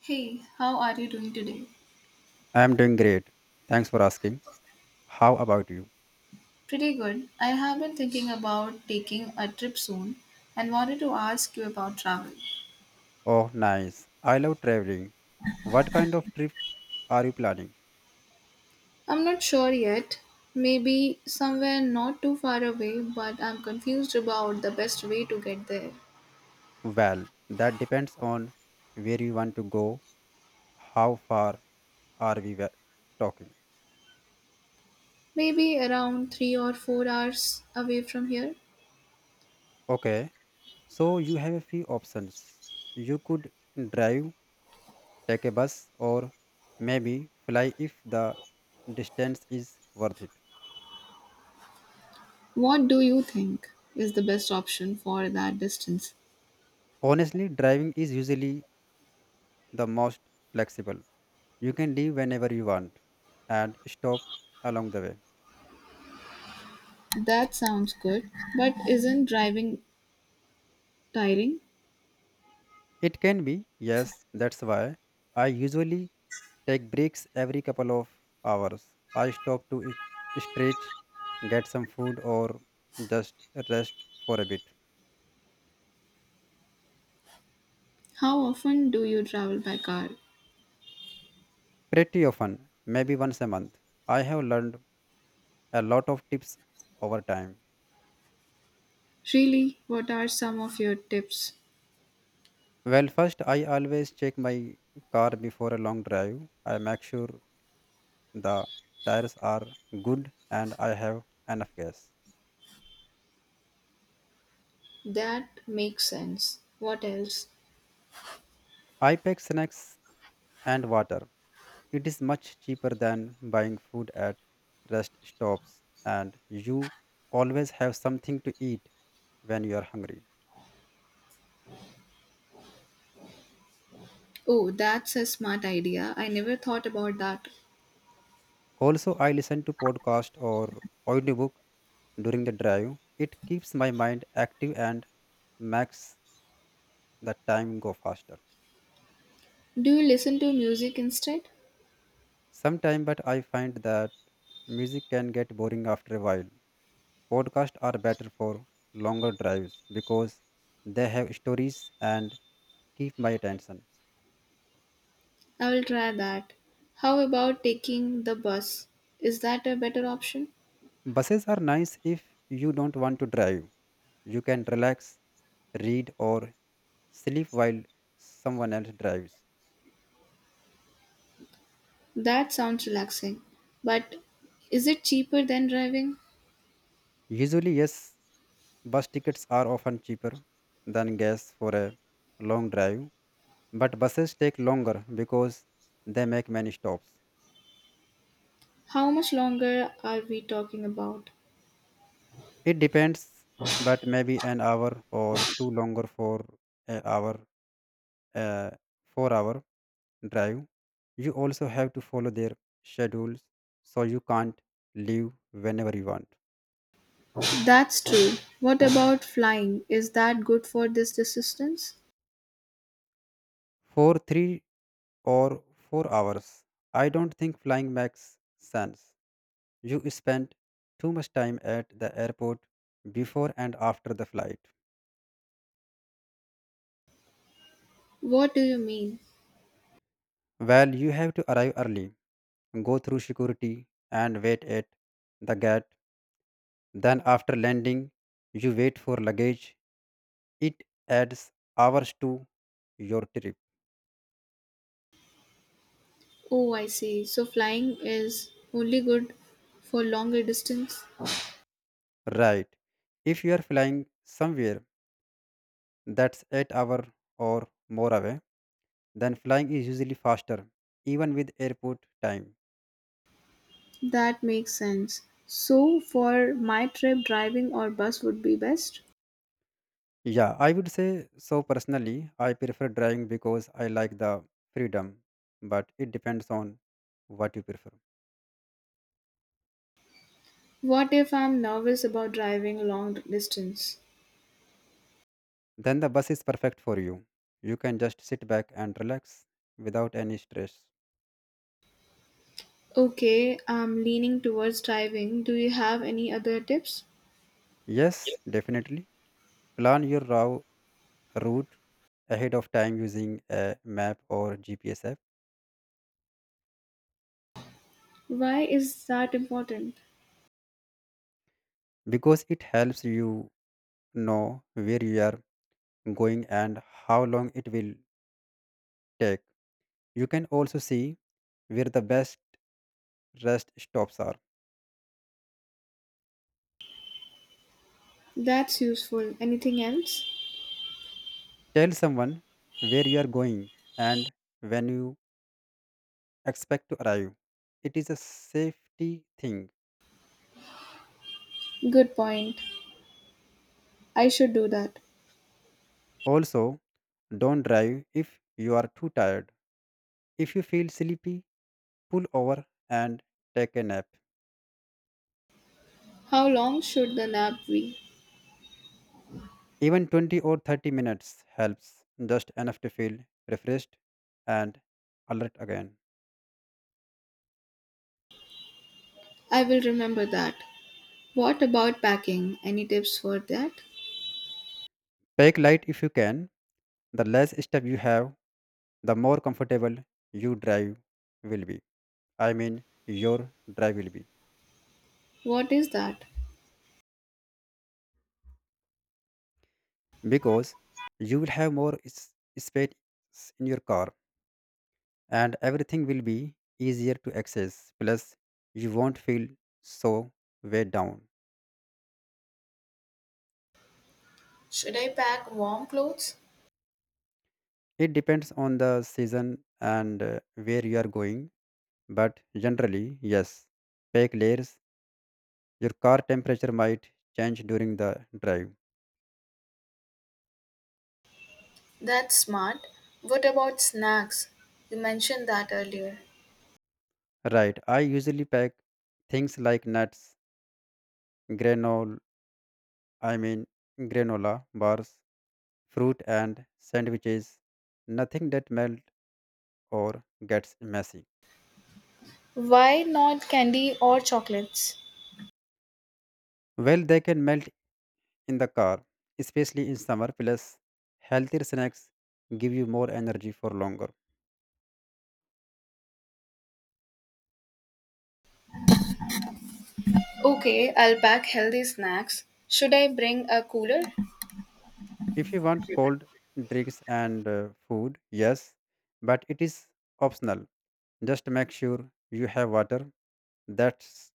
Hey, how are you doing today? I am doing great. Thanks for asking. How about you? Pretty good. I have been thinking about taking a trip soon and wanted to ask you about travel. Oh, nice. I love traveling. What kind of trip are you planning? I'm not sure yet. Maybe somewhere not too far away, but I'm confused about the best way to get there. Well, that depends on where you want to go. How far are we talking? Maybe around 3 or 4 hours away from here. Okay, so you have a few options. You could drive, take a bus, or maybe fly if the distance is worth it. What do you think is the best option for that distance? Honestly, driving is usually the most flexible. You can leave whenever you want and stop along the way. That sounds good, but isn't driving tiring? It can be, yes, that's why I usually take breaks every couple of hours. I stop to stretch, get some food, or just rest for a bit. How often do you travel by car? Pretty often, maybe once a month. I have learned a lot of tips over time. Really, what are some of your tips? Well, first, I always check my car before a long drive. I make sure the tires are good and I have enough gas. That makes sense. What else? I pack snacks and water. It is much cheaper than buying food at rest stops, and you always have something to eat when you are hungry. Oh, that's a smart idea. I never thought about that. Also, I listen to podcast or audiobook during the drive. It keeps my mind active and makes the time go faster. Do you listen to music instead? Sometime, but I find that music can get boring after a while. Podcasts are better for longer drives because they have stories and keep my attention. I will try that. How about taking the bus? Is that a better option? Buses are nice if you don't want to drive. You can relax, read, or sleep while someone else drives. That sounds relaxing. But is it cheaper than driving? Usually, yes, bus tickets are often cheaper than gas for a long drive, but buses take longer because they make many stops. How much longer are we talking about? It depends, but maybe an hour or two longer for an hour uh, 4-hour drive. You also have to follow their schedules so you can't leave whenever you want. That's true. What about flying? Is that good for this distance? For 3 or 4 hours, I don't think flying makes sense. You spend too much time at the airport before and after the flight. What do you mean? Well, you have to arrive early, go through security, and wait at the gate. Then, after landing, you wait for luggage. It adds hours to your trip. Oh, I see. So flying is only good for longer distance? Right. If you are flying somewhere that's 8 hour or more away, then flying is usually faster, even with airport time. That makes sense. So for my trip, driving or bus would be best? Yeah, I would say so personally. I prefer driving because I like the freedom, but it depends on what you prefer. What if I'm nervous about driving long distance? Then the bus is perfect for you. You can just sit back and relax without any stress. Okay, I'm leaning towards driving. Do you have any other tips? Yes, definitely. Plan your route ahead of time using a map or GPS app Why is that important? because it helps you know where you are going and how long it will take. You can also see where the best rest stops are. That's useful. Anything else? Tell someone where you are going and when you expect to arrive. It is a safety thing. Good point. I should do that. Also, don't drive if you are too tired. If you feel sleepy, pull over and take a nap. How long should the nap be? Even 20 or 30 minutes helps, just enough to feel refreshed and alert again. I will remember that. What about packing? Any tips for that? Pack light if you can. The less step you have, the more comfortable you drive will be. Your drive will be. What is that? Because you will have more space in your car and everything will be easier to access. Plus, you won't feel so weighed down. Should I pack warm clothes? It depends on the season and where you are going. But generally, yes, fake layers. Your car temperature might change during the drive. That's smart. What about snacks? You mentioned that earlier. Right. I usually pack things like nuts, granola, I mean granola bars, fruit and sandwiches. Nothing that melt or gets messy. Why not candy or chocolates? Well, they can melt in the car, especially in summer. Plus, healthier snacks give you more energy for longer. Okay, I'll pack healthy snacks. Should I bring a cooler? If you want cold drinks and food, yes, but it is optional. Just make sure you have water. That's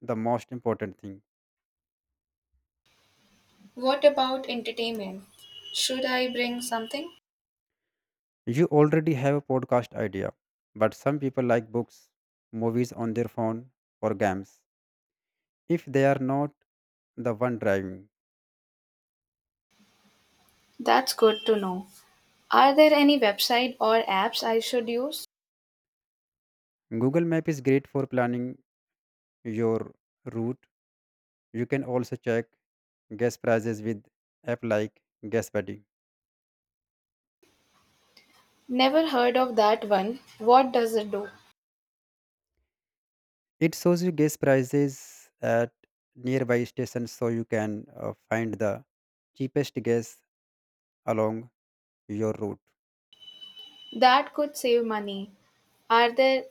the most important thing. What about entertainment? Should I bring something? You already have a podcast idea, but some people like books, movies on their phone, or games. If they are not the one driving, That's good to know. Are there any website or apps I should use? Google Map is great for planning your route. You can also check gas prices with app like GasBuddy. Never heard of that one. What does it do? It shows you gas prices at nearby stations so you can find the cheapest gas along your route. That could save money. Are there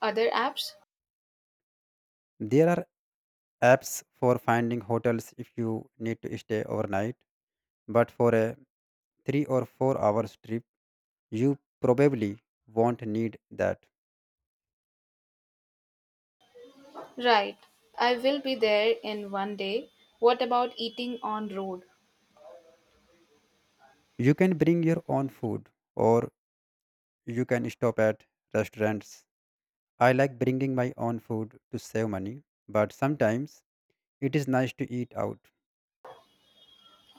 other apps? There are apps for finding hotels if you need to stay overnight, but for a 3 or 4 hours trip, you probably won't need that. Right. I will be there in one day. What about eating on road? You can bring your own food or you can stop at restaurants. I like bringing my own food to save money, but sometimes it is nice to eat out.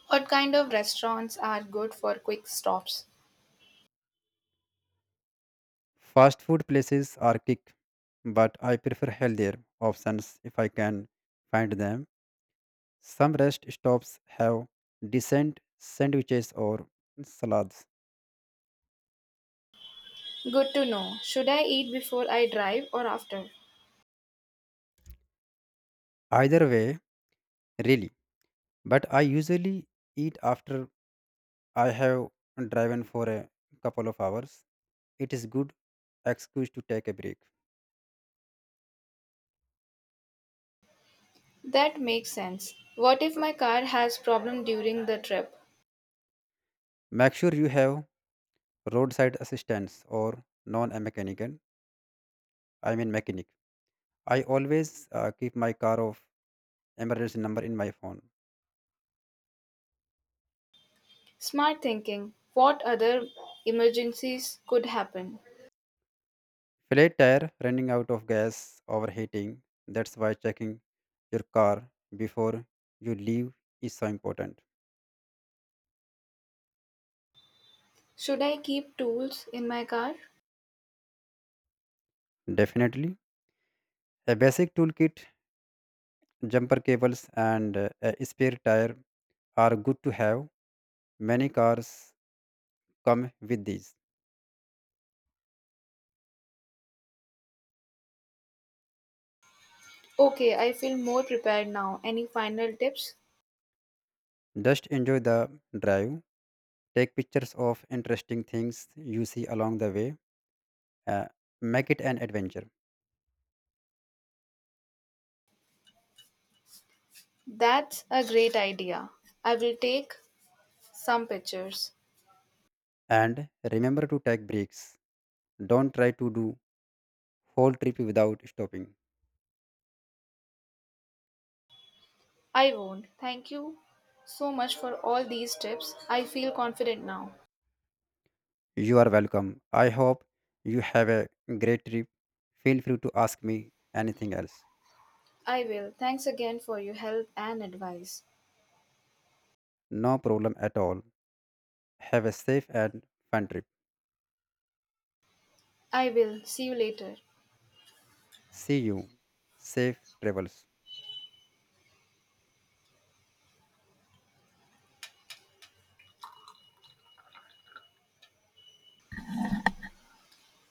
What kind of restaurants are good for quick stops? Fast food places are kick, but I prefer healthier options if I can find them. Some rest stops have decent sandwiches or salads. Good to know. Should I eat before I drive or after? Either way, really. But I usually eat after I have driven for a couple of hours. It is good excuse to take a break. That makes sense. What if my car has problem during the trip? Make sure you have roadside assistance or non-mechanical. I mean mechanic. I always keep my car of emergency number in my phone. Smart thinking. What other emergencies could happen? Flat tire, running out of gas, overheating. That's why checking your car before you leave is so important. Should I keep tools in my car? Definitely. A basic toolkit, jumper cables, and a spare tire are good to have. Many cars come with these. Okay, I feel more prepared now. Any final tips? Just enjoy the drive. Take pictures of interesting things you see along the way. Uh, make it an adventure. That's a great idea. I will take some pictures. And remember to take breaks. Don't try to do whole trip without stopping. I won't. Thank you so much for all these tips. I feel confident now. You are welcome. I hope you have a great trip. Feel free to ask me anything else. I will. Thanks again for your help and advice. No problem at all. Have a safe and fun trip. I will. See you later. See you. Safe travels.